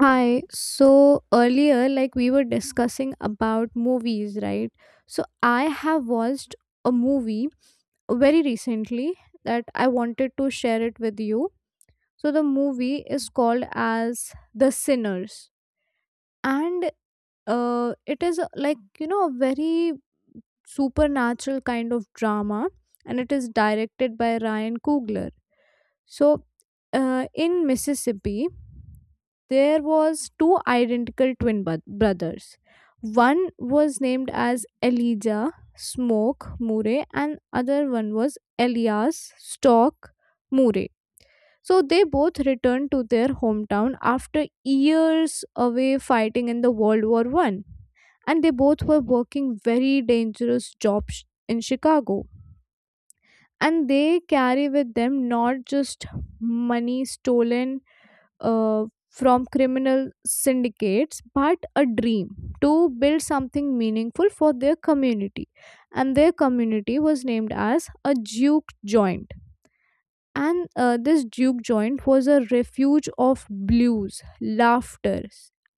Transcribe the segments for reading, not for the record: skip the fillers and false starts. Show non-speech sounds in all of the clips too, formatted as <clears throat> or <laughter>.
Hi. So earlier, like we were discussing about movies, right? So I have watched a movie very recently that I wanted to share it with you. So the movie is called as The Sinners, and it is like a very supernatural kind of drama, and it is directed by Ryan Coogler so, in Mississippi, there was two identical twin brothers. One was named as Elijah Smoke Murray, and other one was Elias Stock Murray. So they both returned to their hometown after years away fighting in the World War I, and they both were working very dangerous jobs in Chicago. And they carry with them not just money stolen uh, from criminal syndicates, but a dream to build something meaningful for their community. And their community was named as a Duke Joint. And this Duke Joint was a refuge of blues, laughter,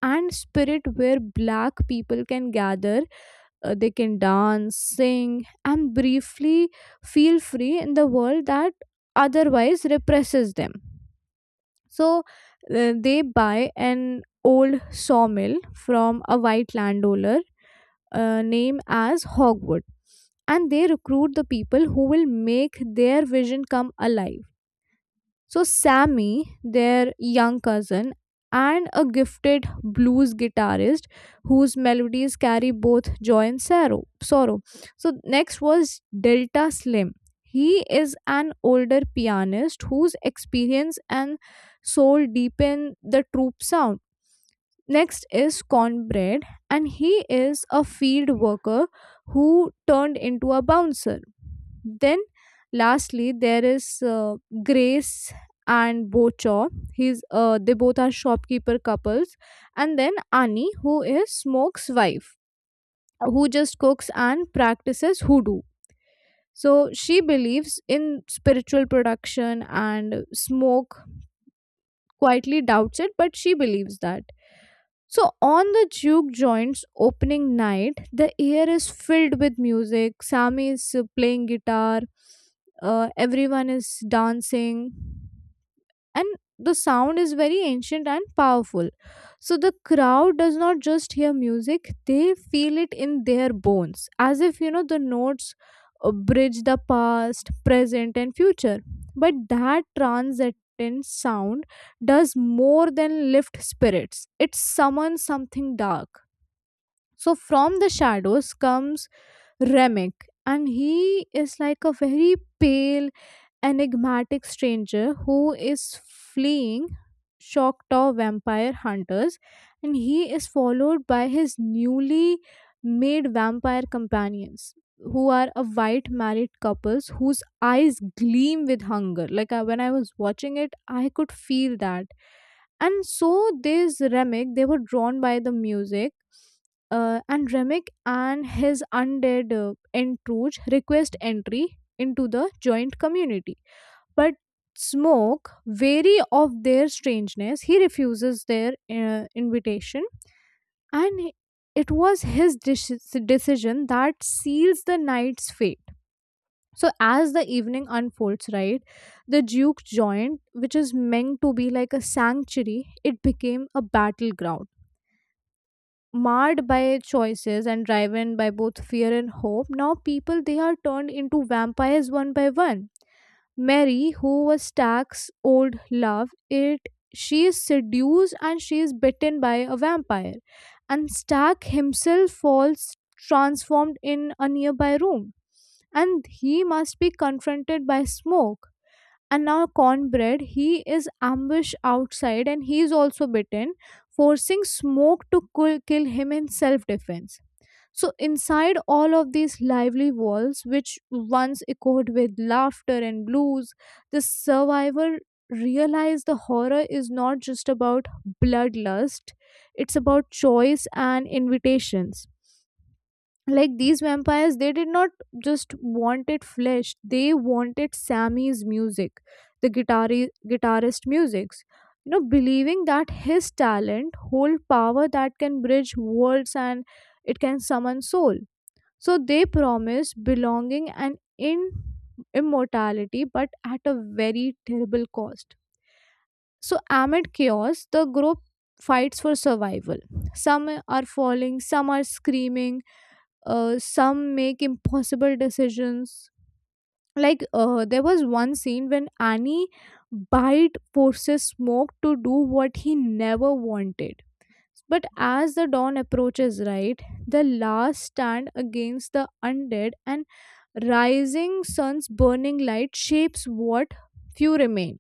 and spirit where black people can gather, they can dance, sing, and briefly feel free in the world that otherwise represses them. So they buy an old sawmill from a white landowner named as Hogwood, and they recruit the people who will make their vision come alive. So, Sammy, their young cousin, and a gifted blues guitarist whose melodies carry both joy and sorrow. So, next was Delta Slim. He is an older pianist whose experience and soul deepen the troop sound. Next is Cornbread, and he is a field worker who turned into a bouncer. Then, lastly, there is Grace and Bochaw. He's they both are shopkeeper couples, and then Annie, who is Smoke's wife, who just cooks and practices hoodoo. So she believes in spiritual production, and Smoke quietly doubts it, but she believes that. So, on the juke joint's opening night, the air is filled with music. Sami is playing guitar, everyone is dancing, and the sound is very ancient and powerful. So the crowd does not just hear music, they feel it in their bones, as if the notes bridge the past, present, and future. But that transcendent sound does more than lift spirits, it summons something dark. So from the shadows comes Remek, and he is like a very pale, enigmatic stranger who is fleeing Choctaw vampire hunters, and he is followed by his newly made vampire companions, who are a white married couples whose eyes gleam with hunger. Like I, when I was watching it, I could feel that. And so this Remick, they were drawn by the music. And Remick and his undead entrouge request entry into the joint community, but Smoke, wary of their strangeness, he refuses their invitation, and it was his decision that seals the knight's fate. So, as the evening unfolds, right, the Duke joined, which is meant to be like a sanctuary, it became a battleground. Marred by choices and driven by both fear and hope, now people they are turned into vampires one by one. Mary, who was Stack's old love, it she is seduced and she is bitten by a vampire, and Stack himself falls transformed in a nearby room, and he must be confronted by smoke. And now Cornbread, he is ambushed outside and he is also bitten, forcing Smoke to kill him in self defense. So, inside all of these lively walls, which once echoed with laughter and blues, the survivor realized the horror is not just about bloodlust, it's about choice and invitations. Like these vampires, they did not just wanted flesh, they wanted Sammy's music, the guitarist music's. Believing that his talent hold power that can bridge worlds and it can summon soul, so they promise belonging and in immortality, but at a very terrible cost. So amid chaos, the group fights for survival. Some are falling, some are screaming, some make impossible decisions. Like there was one scene when Annie bite forces Smoke to do what he never wanted. But as the dawn approaches, right, the last stand against the undead and rising sun's burning light shapes what few remain.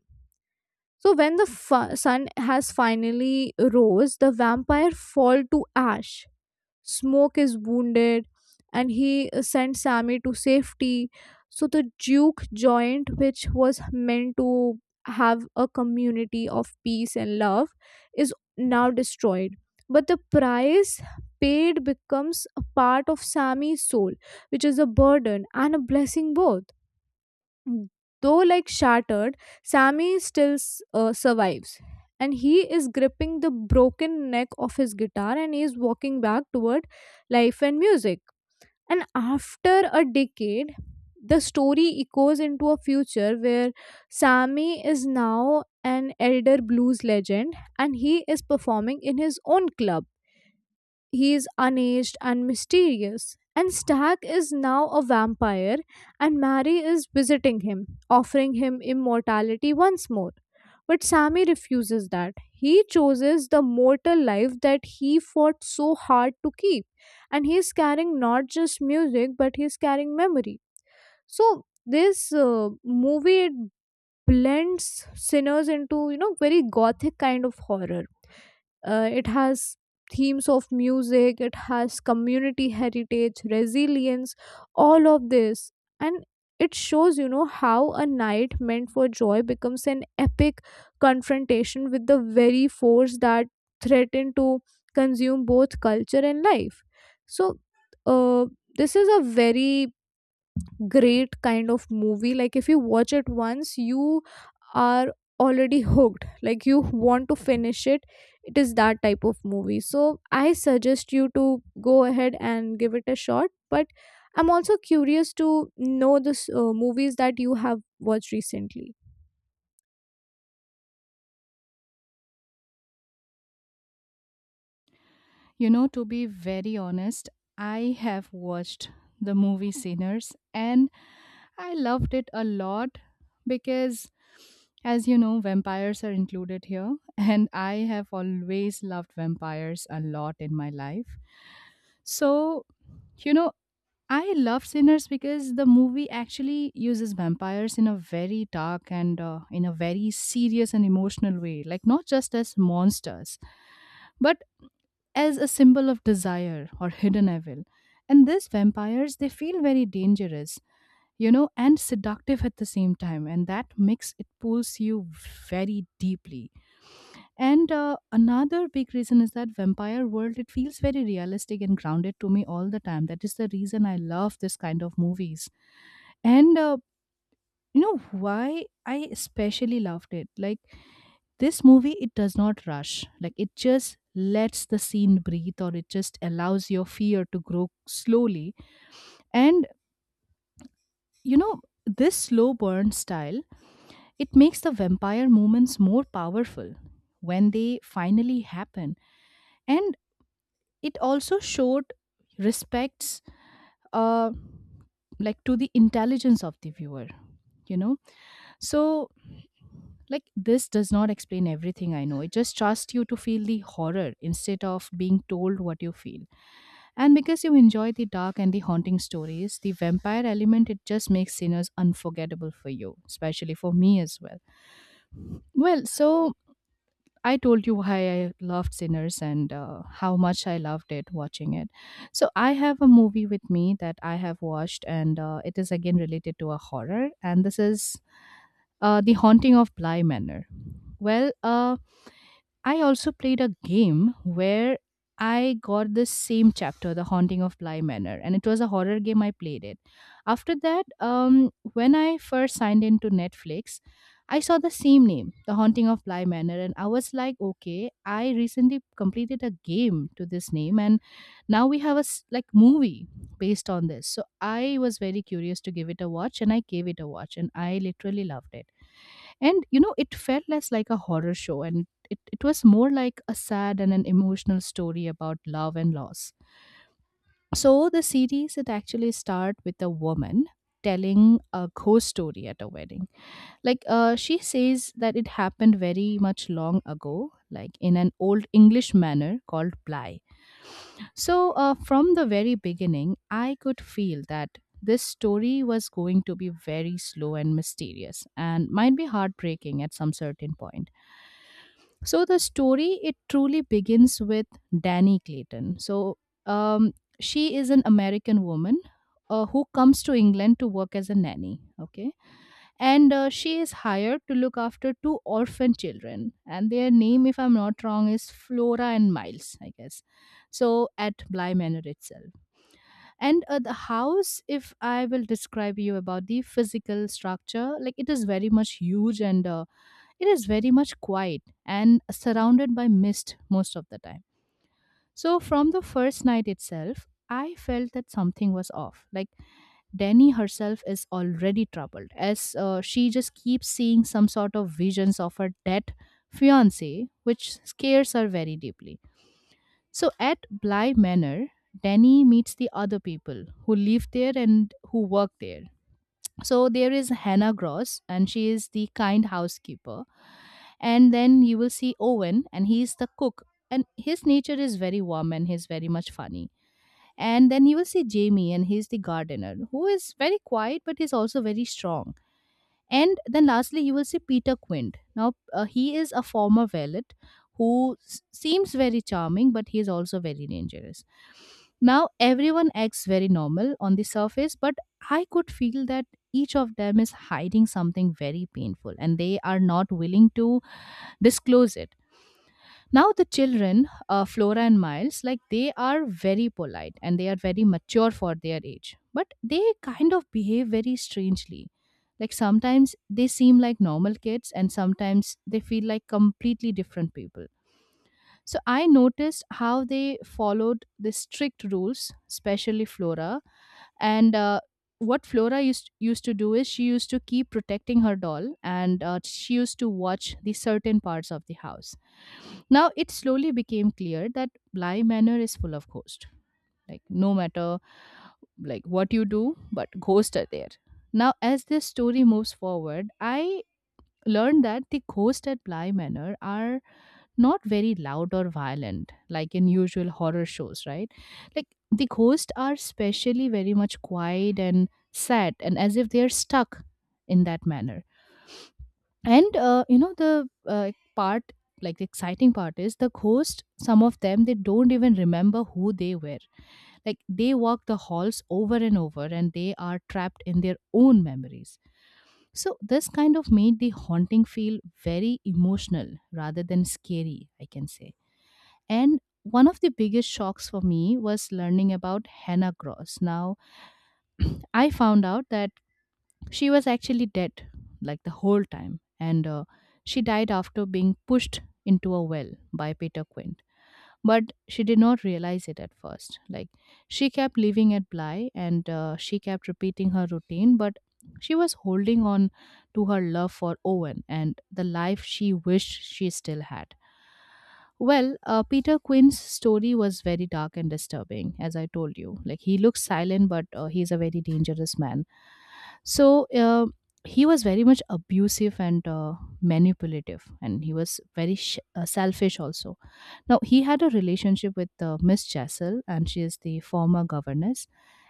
So when the sun has finally rose, the vampire fall to ash. Smoke is wounded, and he sent Sammy to safety. So the Duke joint, which was meant to have a community of peace and love, is now destroyed. But the price paid becomes a part of Sammy's soul, which is a burden and a blessing both. Though like shattered, Sammy still survives. And he is gripping the broken neck of his guitar and he is walking back toward life and music. And after a decade, the story echoes into a future where Sammy is now an elder blues legend and he is performing in his own club. He is unaged and mysterious. And Stag is now a vampire, and Mary is visiting him, offering him immortality once more. But Sammy refuses that. He chooses the mortal life that he fought so hard to keep. And he is carrying not just music, but he is carrying memory. So, this movie it blends sinners into, very gothic kind of horror. It has themes of music, it has community heritage, resilience, all of this. And it shows, how a night meant for joy becomes an epic confrontation with the very force that threatened to consume both culture and life. So, uh, this is a very great kind of movie. Like if you watch it once, you are already hooked. Like you want to finish it, it is that type of movie. So I suggest you to go ahead and give it a shot, but I'm also curious to know the movies that you have watched recently. You know, to be very honest, I have watched the movie Sinners and I loved it a lot because, as you know, vampires are included here, <laughs> and I have always loved vampires a lot in my life. So, you know, I love Sinners because the movie actually uses vampires in a very dark and, in a very serious and emotional way. Like, not just as monsters, but as a symbol of desire or hidden evil. And these vampires, they feel very dangerous, you know, and seductive at the same time. And that mix, it pulls you very deeply. And another big reason is that vampire world, it feels very realistic and grounded to me all the time. That is the reason I love this kind of movies. And, why I especially loved it. Like, this movie, it does not rush. Like it just lets the scene breathe or it just allows your fear to grow slowly. And you know, this slow burn style, it makes the vampire moments more powerful when they finally happen. And it also showed respects uh like to the intelligence of the viewer you know So, like, this does not explain everything I know. It just trusts you to feel the horror instead of being told what you feel. And because you enjoy the dark and the haunting stories, the vampire element, it just makes sinners unforgettable for you, especially for me as well. Well, so I told you why I loved Sinners and how much I loved it watching it. So I have a movie with me that I have watched, and it is again related to a horror. And this is The Haunting of Bly Manor. Well, I also played a game where I got this same chapter, The Haunting of Bly Manor, and it was a horror game. I played it. After that, when I first signed into Netflix, I saw the same name, The Haunting of Bly Manor, and I was like, okay, I recently completed a game to this name, and now we have a like movie based on this. So I was very curious to give it a watch, and I gave it a watch, and I literally loved it. And, you know, it felt less like a horror show and it was more like a sad and an emotional story about love and loss. So the series it actually start with a woman telling a ghost story at a wedding. Like she says that it happened very much long ago, like in an old English manner called ply. So from the very beginning, I could feel that this story was going to be very slow and mysterious and might be heartbreaking at some certain point. So the story it truly begins with Danny Clayton. So um, she is an American woman who comes to England to work as a nanny. Okay, and she is hired to look after two orphan children, and their name, if I'm not wrong, is Flora and Miles, I guess. So at Bly Manor itself, and the house, if I will describe you about the physical structure, like it is very much huge and. It is very much quiet and surrounded by mist most of the time. So, from the first night itself, I felt that something was off. Like, Danny herself is already troubled as she just keeps seeing some sort of visions of her dead fiance, which scares her very deeply. So, at Bly Manor, Danny meets the other people who live there and who work there. So there is Hannah Gross, and she is the kind housekeeper, and then you will see Owen, and he's the cook, and his nature is very warm and he's very much funny. And then you will see Jamie, and he's the gardener who is very quiet but he's also very strong. And then lastly you will see Peter Quint. Now he is a former valet who seems very charming but he is also very dangerous. Now everyone acts very normal on the surface, but I could feel that each of them is hiding something very painful and they are not willing to disclose it. Now the children, Flora and Miles, like they are very polite and they are very mature for their age, but they kind of behave very strangely. Like sometimes they seem like normal kids and sometimes they feel like completely different people. So I noticed how they followed the strict rules, especially Flora, and what Flora used to do is she used to keep protecting her doll, and she used to watch the certain parts of the house. Now it slowly became clear that Bly Manor is full of ghosts. Like no matter like what you do, but ghosts are there. Now as this story moves forward, I learned that the ghosts at Bly Manor are not very loud or violent like in usual horror shows, right? Like the ghosts are especially very much quiet and sad and as if they are stuck in that manner. And you know the part, like the exciting part is the ghost, some of them they don't even remember who they were. Like they walk the halls over and over and they are trapped in their own memories. So this kind of made the haunting feel very emotional rather than scary, I can say. And one of the biggest shocks for me was learning about Hannah Gross. Now, <clears throat> I found out that she was actually dead, like the whole time, and she died after being pushed into a well by Peter Quint. But she did not realize it at first. Like, she kept living at Bly and she kept repeating her routine, but she was holding on to her love for Owen and the life she wished she still had. Well, Peter Quinn's story was very dark and disturbing, as I told you. Like, he looks silent, but he's a very dangerous man. So, he was very much abusive and manipulative, and he was very selfish also. Now, he had a relationship with Miss Chessel, and she is the former governess,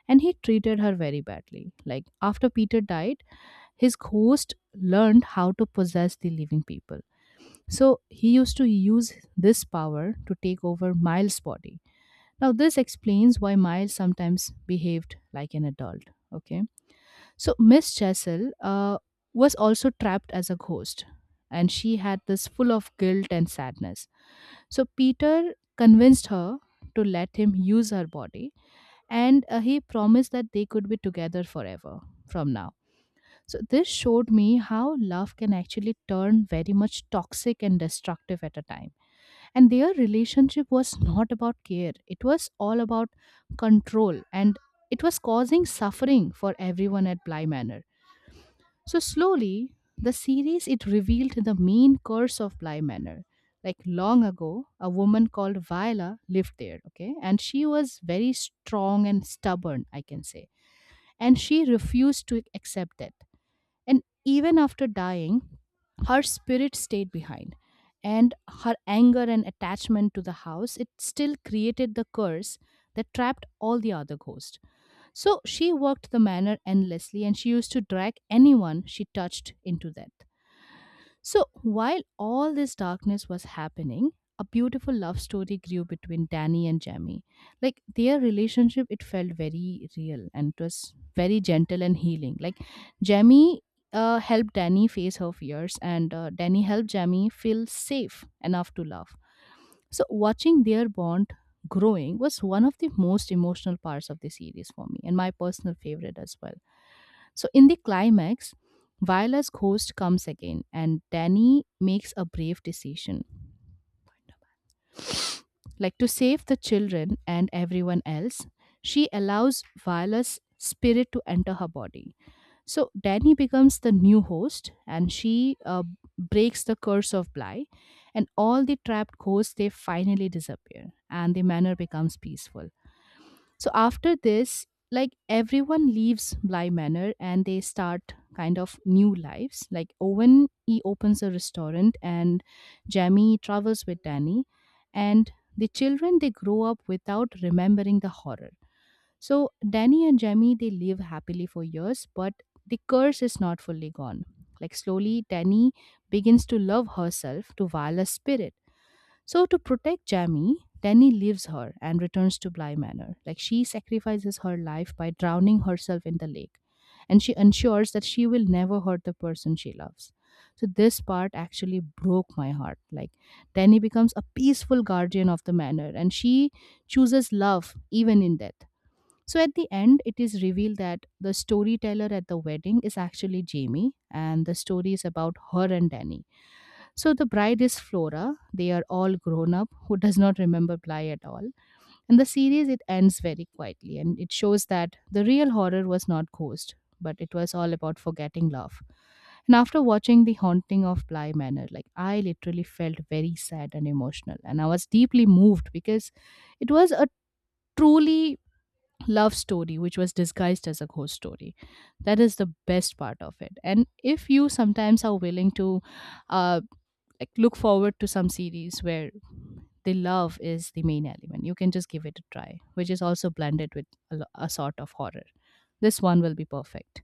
and he treated her very badly. Like, after Peter died, his ghost learned how to possess the living people. So, he used to use this power to take over Miles' body. Now, this explains why Miles sometimes behaved like an adult. Okay. So, Miss Chessel was also trapped as a ghost, and she had this full of guilt and sadness. So Peter convinced her to let him use her body, and he promised that they could be together forever from now. So this showed me how love can actually turn very much toxic and destructive at a time. And their relationship was not about care, it was all about control, and it was causing suffering for everyone at Bly Manor. So slowly, the series it revealed the main curse of Bly Manor. Like long ago, a woman called Viola lived there, okay? And she was very strong and stubborn, I can say. And she refused to accept that. And even after dying, her spirit stayed behind. And her anger and attachment to the house, it still created the curse that trapped all the other ghosts. So she worked the manor endlessly and she used to drag anyone she touched into that. So while all this darkness was happening, a beautiful love story grew between Danny and Jamie. Like their relationship, it felt very real and it was very gentle and healing. Like Jamie helped Danny face her fears, and Danny helped Jamie feel safe enough to love. So, watching their bond growing was one of the most emotional parts of the series for me and my personal favorite as well. So, in the climax, Viola's ghost comes again and Danny makes a brave decision. Like to save the children and everyone else, she allows Viola's spirit to enter her body. So Danny becomes the new host, and she breaks the curse of Bly, and all the trapped ghosts they finally disappear, and the manor becomes peaceful. So after this, like everyone leaves Bly Manor, and they start kind of new lives. Like Owen, he opens a restaurant, and Jamie travels with Danny, and the children they grow up without remembering the horror. So Danny and Jamie they live happily for years, but the curse is not fully gone. Like slowly, Danny begins to love herself to Viola's spirit. So to protect Jamie, Danny leaves her and returns to Bly Manor. Like she sacrifices her life by drowning herself in the lake, and she ensures that she will never hurt the person she loves. So this part actually broke my heart. Like Danny becomes a peaceful guardian of the manor, and she chooses love even in death. So at the end, it is revealed that the storyteller at the wedding is actually Jamie, and the story is about her and Danny. So the bride is Flora. They are all grown up, who does not remember Bly at all. And the series it ends very quietly, and it shows that the real horror was not Ghost, but it was all about forgetting love. And after watching The Haunting of Bly Manor, like I literally felt very sad and emotional, and I was deeply moved because it was a truly love story which was disguised as a ghost story. That is the best part of it. And if you sometimes are willing to uh, like look forward to some series where the love is the main element, you can just give it a try, which is also blended with a sort of horror. This one will be perfect.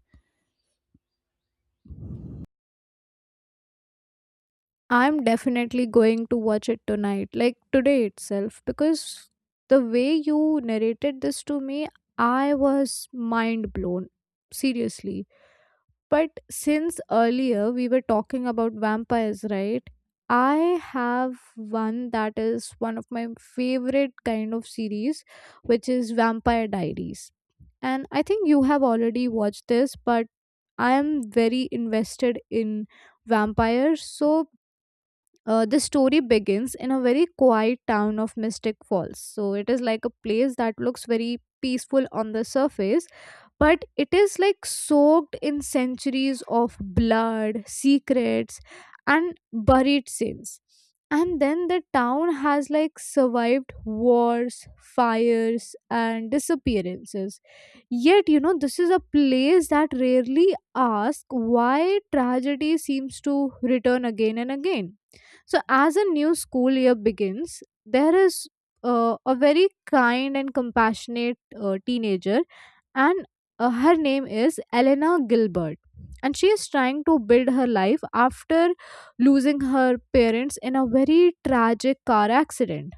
I'm definitely going to watch it tonight, like today itself, because the way you narrated this to me, I was mind blown. Seriously. But since earlier we were talking about vampires, right? I have one that is one of my favorite kind of series, which is Vampire Diaries. And I think you have already watched this, but I am very invested in vampires. So the story begins in a very quiet town of Mystic Falls. So it is like a place that looks very peaceful on the surface, but it is like soaked in centuries of blood, secrets, and buried sins. And then the town has like survived wars, fires, and disappearances. Yet, this is a place that rarely asks why tragedy seems to return again and again. So, as a new school year begins, there is a very kind and compassionate teenager, and her name is Elena Gilbert. And she is trying to build her life after losing her parents in a very tragic car accident.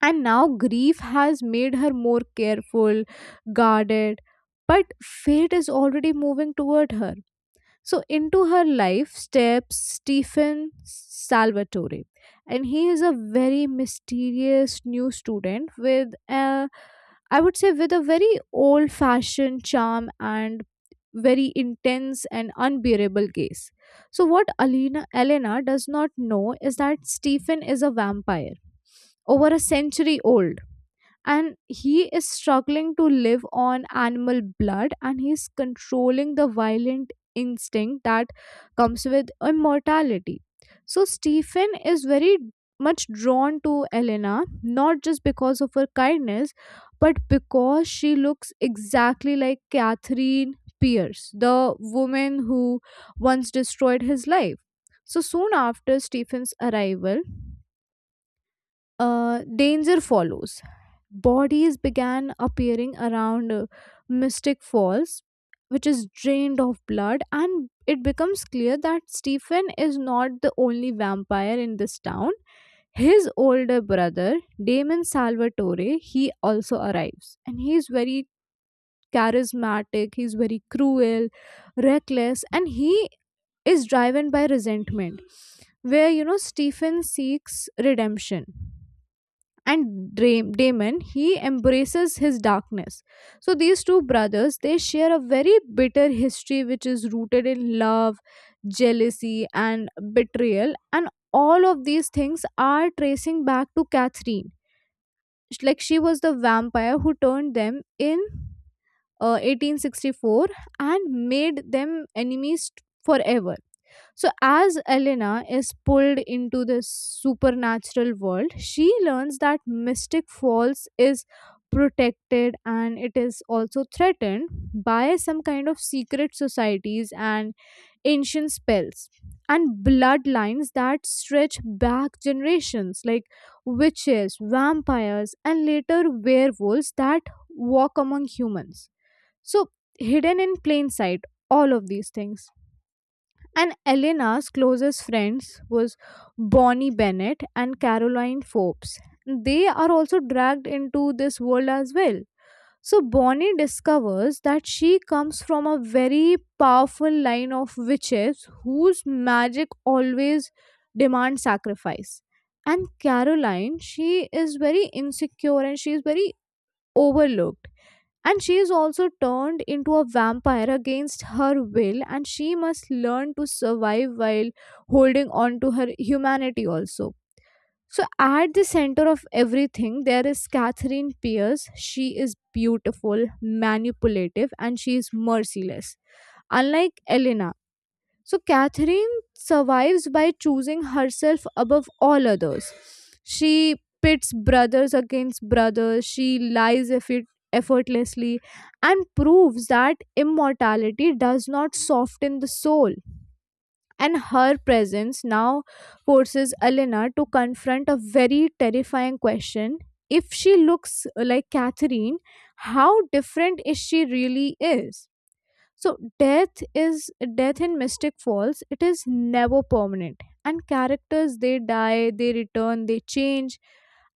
And now grief has made her more careful, guarded, but fate is already moving toward her. So, into her life steps Stephen Salvatore, and he is a very mysterious new student with a, I would say, with a very old fashioned charm and very intense and unbearable gaze. So, what Elena does not know is that Stephen is a vampire over a century old, and he is struggling to live on animal blood, and he's controlling the violent instinct that comes with immortality. So Stephen is very much drawn to Elena, not just because of her kindness, but because she looks exactly like Catherine Pierce, the woman who once destroyed his life. So soon after Stephen's arrival, danger follows. Bodies began appearing around Mystic Falls, which is drained of blood, and it becomes clear that Stephen is not the only vampire in this town. His older brother, Damon Salvatore, he also arrives, and he's very charismatic, he's very cruel, reckless, and he is driven by resentment. Where Stephen seeks redemption and Damon he embraces his darkness. So these two brothers they share a very bitter history, which is rooted in love, jealousy, and betrayal, and all of these things are tracing back to Catherine. Like she was the vampire who turned them in 1864 and made them enemies forever. So, as Elena is pulled into this supernatural world, she learns that Mystic Falls is protected and it is also threatened by some kind of secret societies and ancient spells and bloodlines that stretch back generations, like witches, vampires, and later werewolves that walk among humans. So, hidden in plain sight, all of these things, and Elena's closest friends was Bonnie Bennett and Caroline Forbes. They are also dragged into this world as well. So Bonnie discovers that she comes from a very powerful line of witches whose magic always demands sacrifice. And Caroline, she is very insecure and she is very overlooked, and she is also turned into a vampire against her will, and she must learn to survive while holding on to her humanity also. So, at the center of everything, there is Catherine Pierce. She is beautiful, manipulative, and she is merciless. Unlike Elena, so Catherine survives by choosing herself above all others. She pits brothers against brothers, she lies effortlessly, and proves that immortality does not soften the soul. And her presence now forces Elena to confront a very terrifying question. If she looks like Catherine, how different is she really is? So death is death in Mystic Falls. It is never permanent, and characters they die, they return, they change,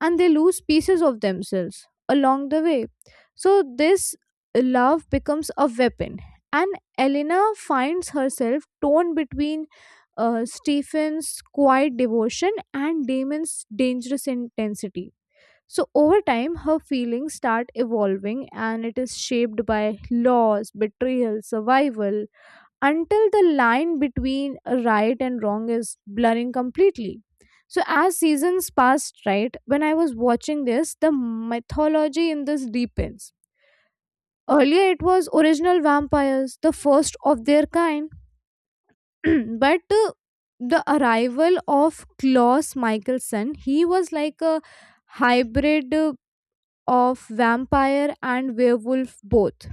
and they lose pieces of themselves along the way. So this love becomes a weapon, and Elena finds herself torn between Stephen's quiet devotion and Damon's dangerous intensity, so over time, her feelings start evolving and it is shaped by loss, betrayal, survival, until the line between right and wrong is blurring completely. So as seasons passed, right, when I was watching this, the mythology in this deepens. Earlier, it was original vampires, the first of their kind, <clears throat> but the arrival of Klaus Michelson, he was like a hybrid, of vampire and werewolf both,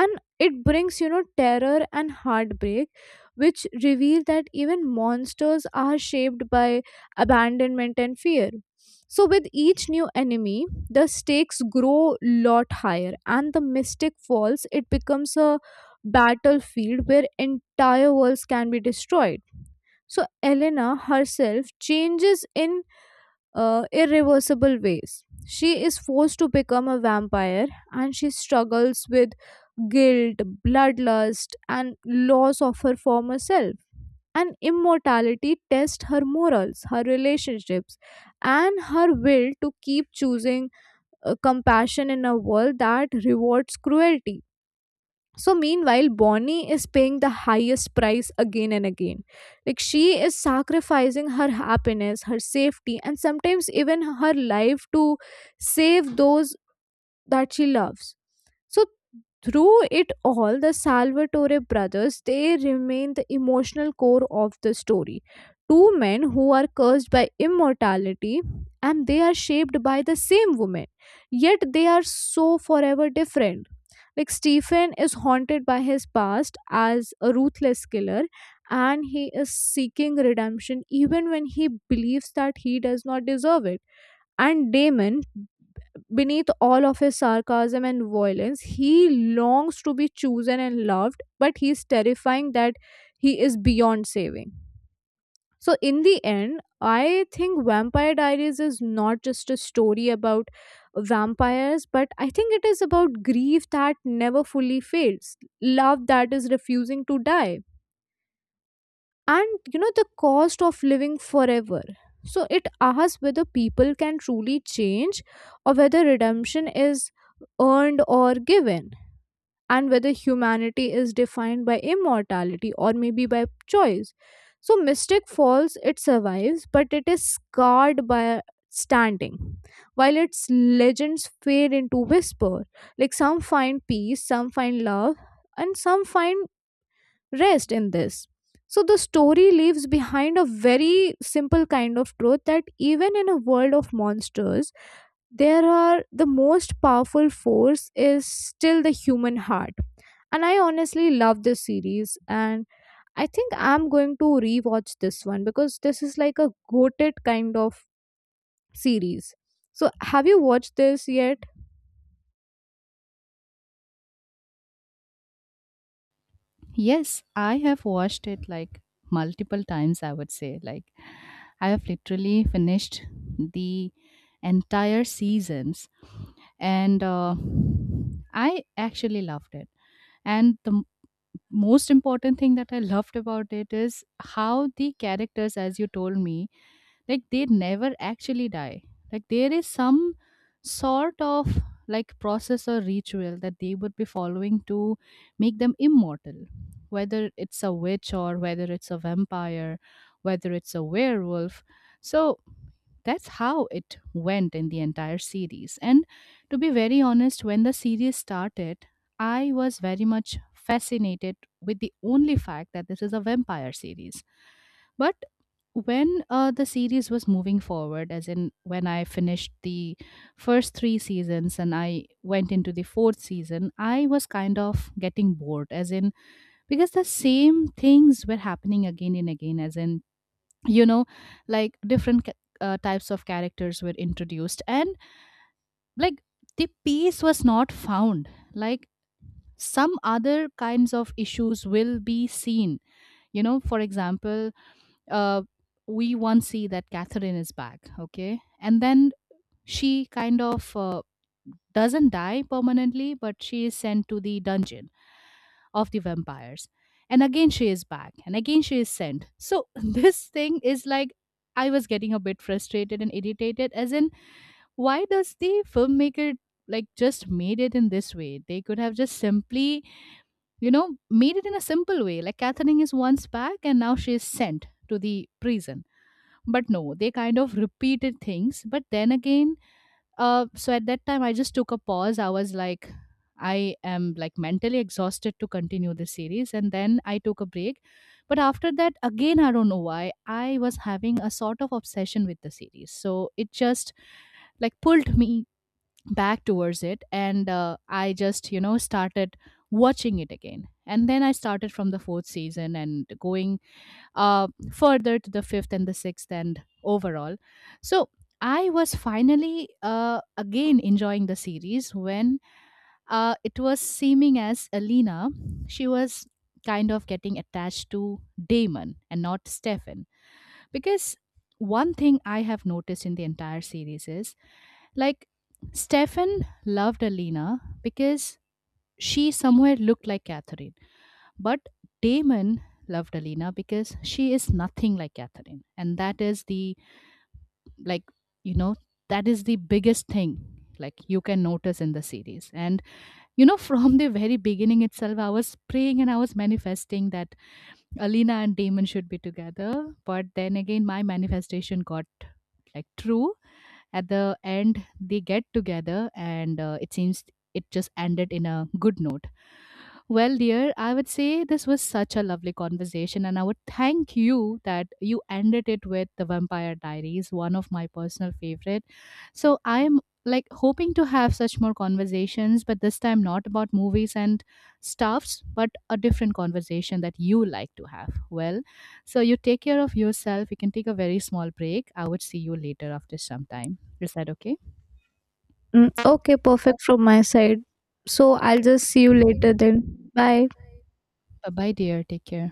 and it brings, you know, terror and heartbreak, which reveal that even monsters are shaped by abandonment and fear. So with each new enemy the stakes grow lot higher and the Mystic Falls it becomes a battlefield where entire worlds can be destroyed. So Elena herself changes in irreversible ways. She is forced to become a vampire and she struggles with guilt, bloodlust, and loss of her former self. And immortality tests her morals, her relationships, and her will to keep choosing compassion in a world that rewards cruelty. So, meanwhile, Bonnie is paying the highest price again and again. Like, she is sacrificing her happiness, her safety, and sometimes even her life to save those that she loves. So, through it all, the Salvatore brothers they remain the emotional core of the story. Two men who are cursed by immortality and they are shaped by the same woman, yet they are so forever different. Like Stephen is haunted by his past as a ruthless killer and he is seeking redemption even when he believes that he does not deserve it. And Damon, beneath all of his sarcasm and violence, he longs to be chosen and loved, but he's terrifying that he is beyond saving. So, in the end, I think Vampire Diaries is not just a story about vampires, but I think it is about grief that never fully fades, love that is refusing to die, and the cost of living forever. So, it asks whether people can truly change or whether redemption is earned or given, and whether humanity is defined by immortality or maybe by choice. So Mystic Falls, it survives, but it is scarred by standing, while its legends fade into whisper. Like some find peace, some find love, and some find rest in this. So the story leaves behind a very simple kind of truth that even in a world of monsters, there are the most powerful force is still the human heart. And I honestly love this series, and I think I'm going to rewatch this one because this is like a goated kind of series. So have you watched this yet? Yes, I have watched it, like multiple times, I would say. Like I have literally finished the entire seasons, and I actually loved it. And the most important thing that I loved about it is how the characters, as you told me, like they never actually die. Like there is some sort of like process or ritual that they would be following to make them immortal, whether it's a witch or whether it's a vampire, whether it's a werewolf. So that's how it went in the entire series. And to be very honest, when the series started, I was very much fascinated with the only fact that this is a vampire series. But when the series was moving forward, as in when I finished the first three seasons and I went into the fourth season, I was kind of getting bored, as in because the same things were happening again and again, as in, you know, like different types of characters were introduced and like the peace was not found. Like some other kinds of issues will be seen, you know. For example, uh, we once see that Catherine is back, okay, and then she kind of doesn't die permanently, but she is sent to the dungeon of the vampires. And again, she is back, and again, she is sent. So, <laughs> this thing is like, I was getting a bit frustrated and irritated, as in, why does the filmmaker like just made it in this way? They could have just simply, you know, made it in a simple way. Like, Catherine is once back, and now she is sent to the prison. But no, they kind of repeated things. But then again, so at that time, I just took a pause. I was like, I am like mentally exhausted to continue this series. And then I took a break. But after that, again, I don't know why, I was having a sort of obsession with the series. So it just like pulled me back towards it. And I just, you know, started watching it again. And then I started from the fourth season and going further to the fifth and the sixth and overall. So I was finally again enjoying the series when it was seeming as Alina, she was kind of getting attached to Damon and not Stefan. Because one thing I have noticed in the entire series is like Stefan loved Alina because she somewhere looked like Catherine, but Damon loved Alina because she is nothing like Catherine. And that is the, like, you know, that is the biggest thing, like, you can notice in the series. And, you know, <laughs> from the very beginning itself, I was praying and I was manifesting that Alina and Damon should be together. But then again, my manifestation got like true. At the end, they get together, and it seems it just ended in a good note. Well, dear, I would say this was such a lovely conversation, and I would thank you that you ended it with The Vampire Diaries, one of my personal favorite. So I'm like hoping to have such more conversations, but this time not about movies and stuffs, but a different conversation that you like to have. Well, so you take care of yourself. You can take a very small break. I would see you later after some time. Is that okay? Mm, okay, perfect from my side. So I'll just see you later then. Bye. Bye bye, dear. Take care.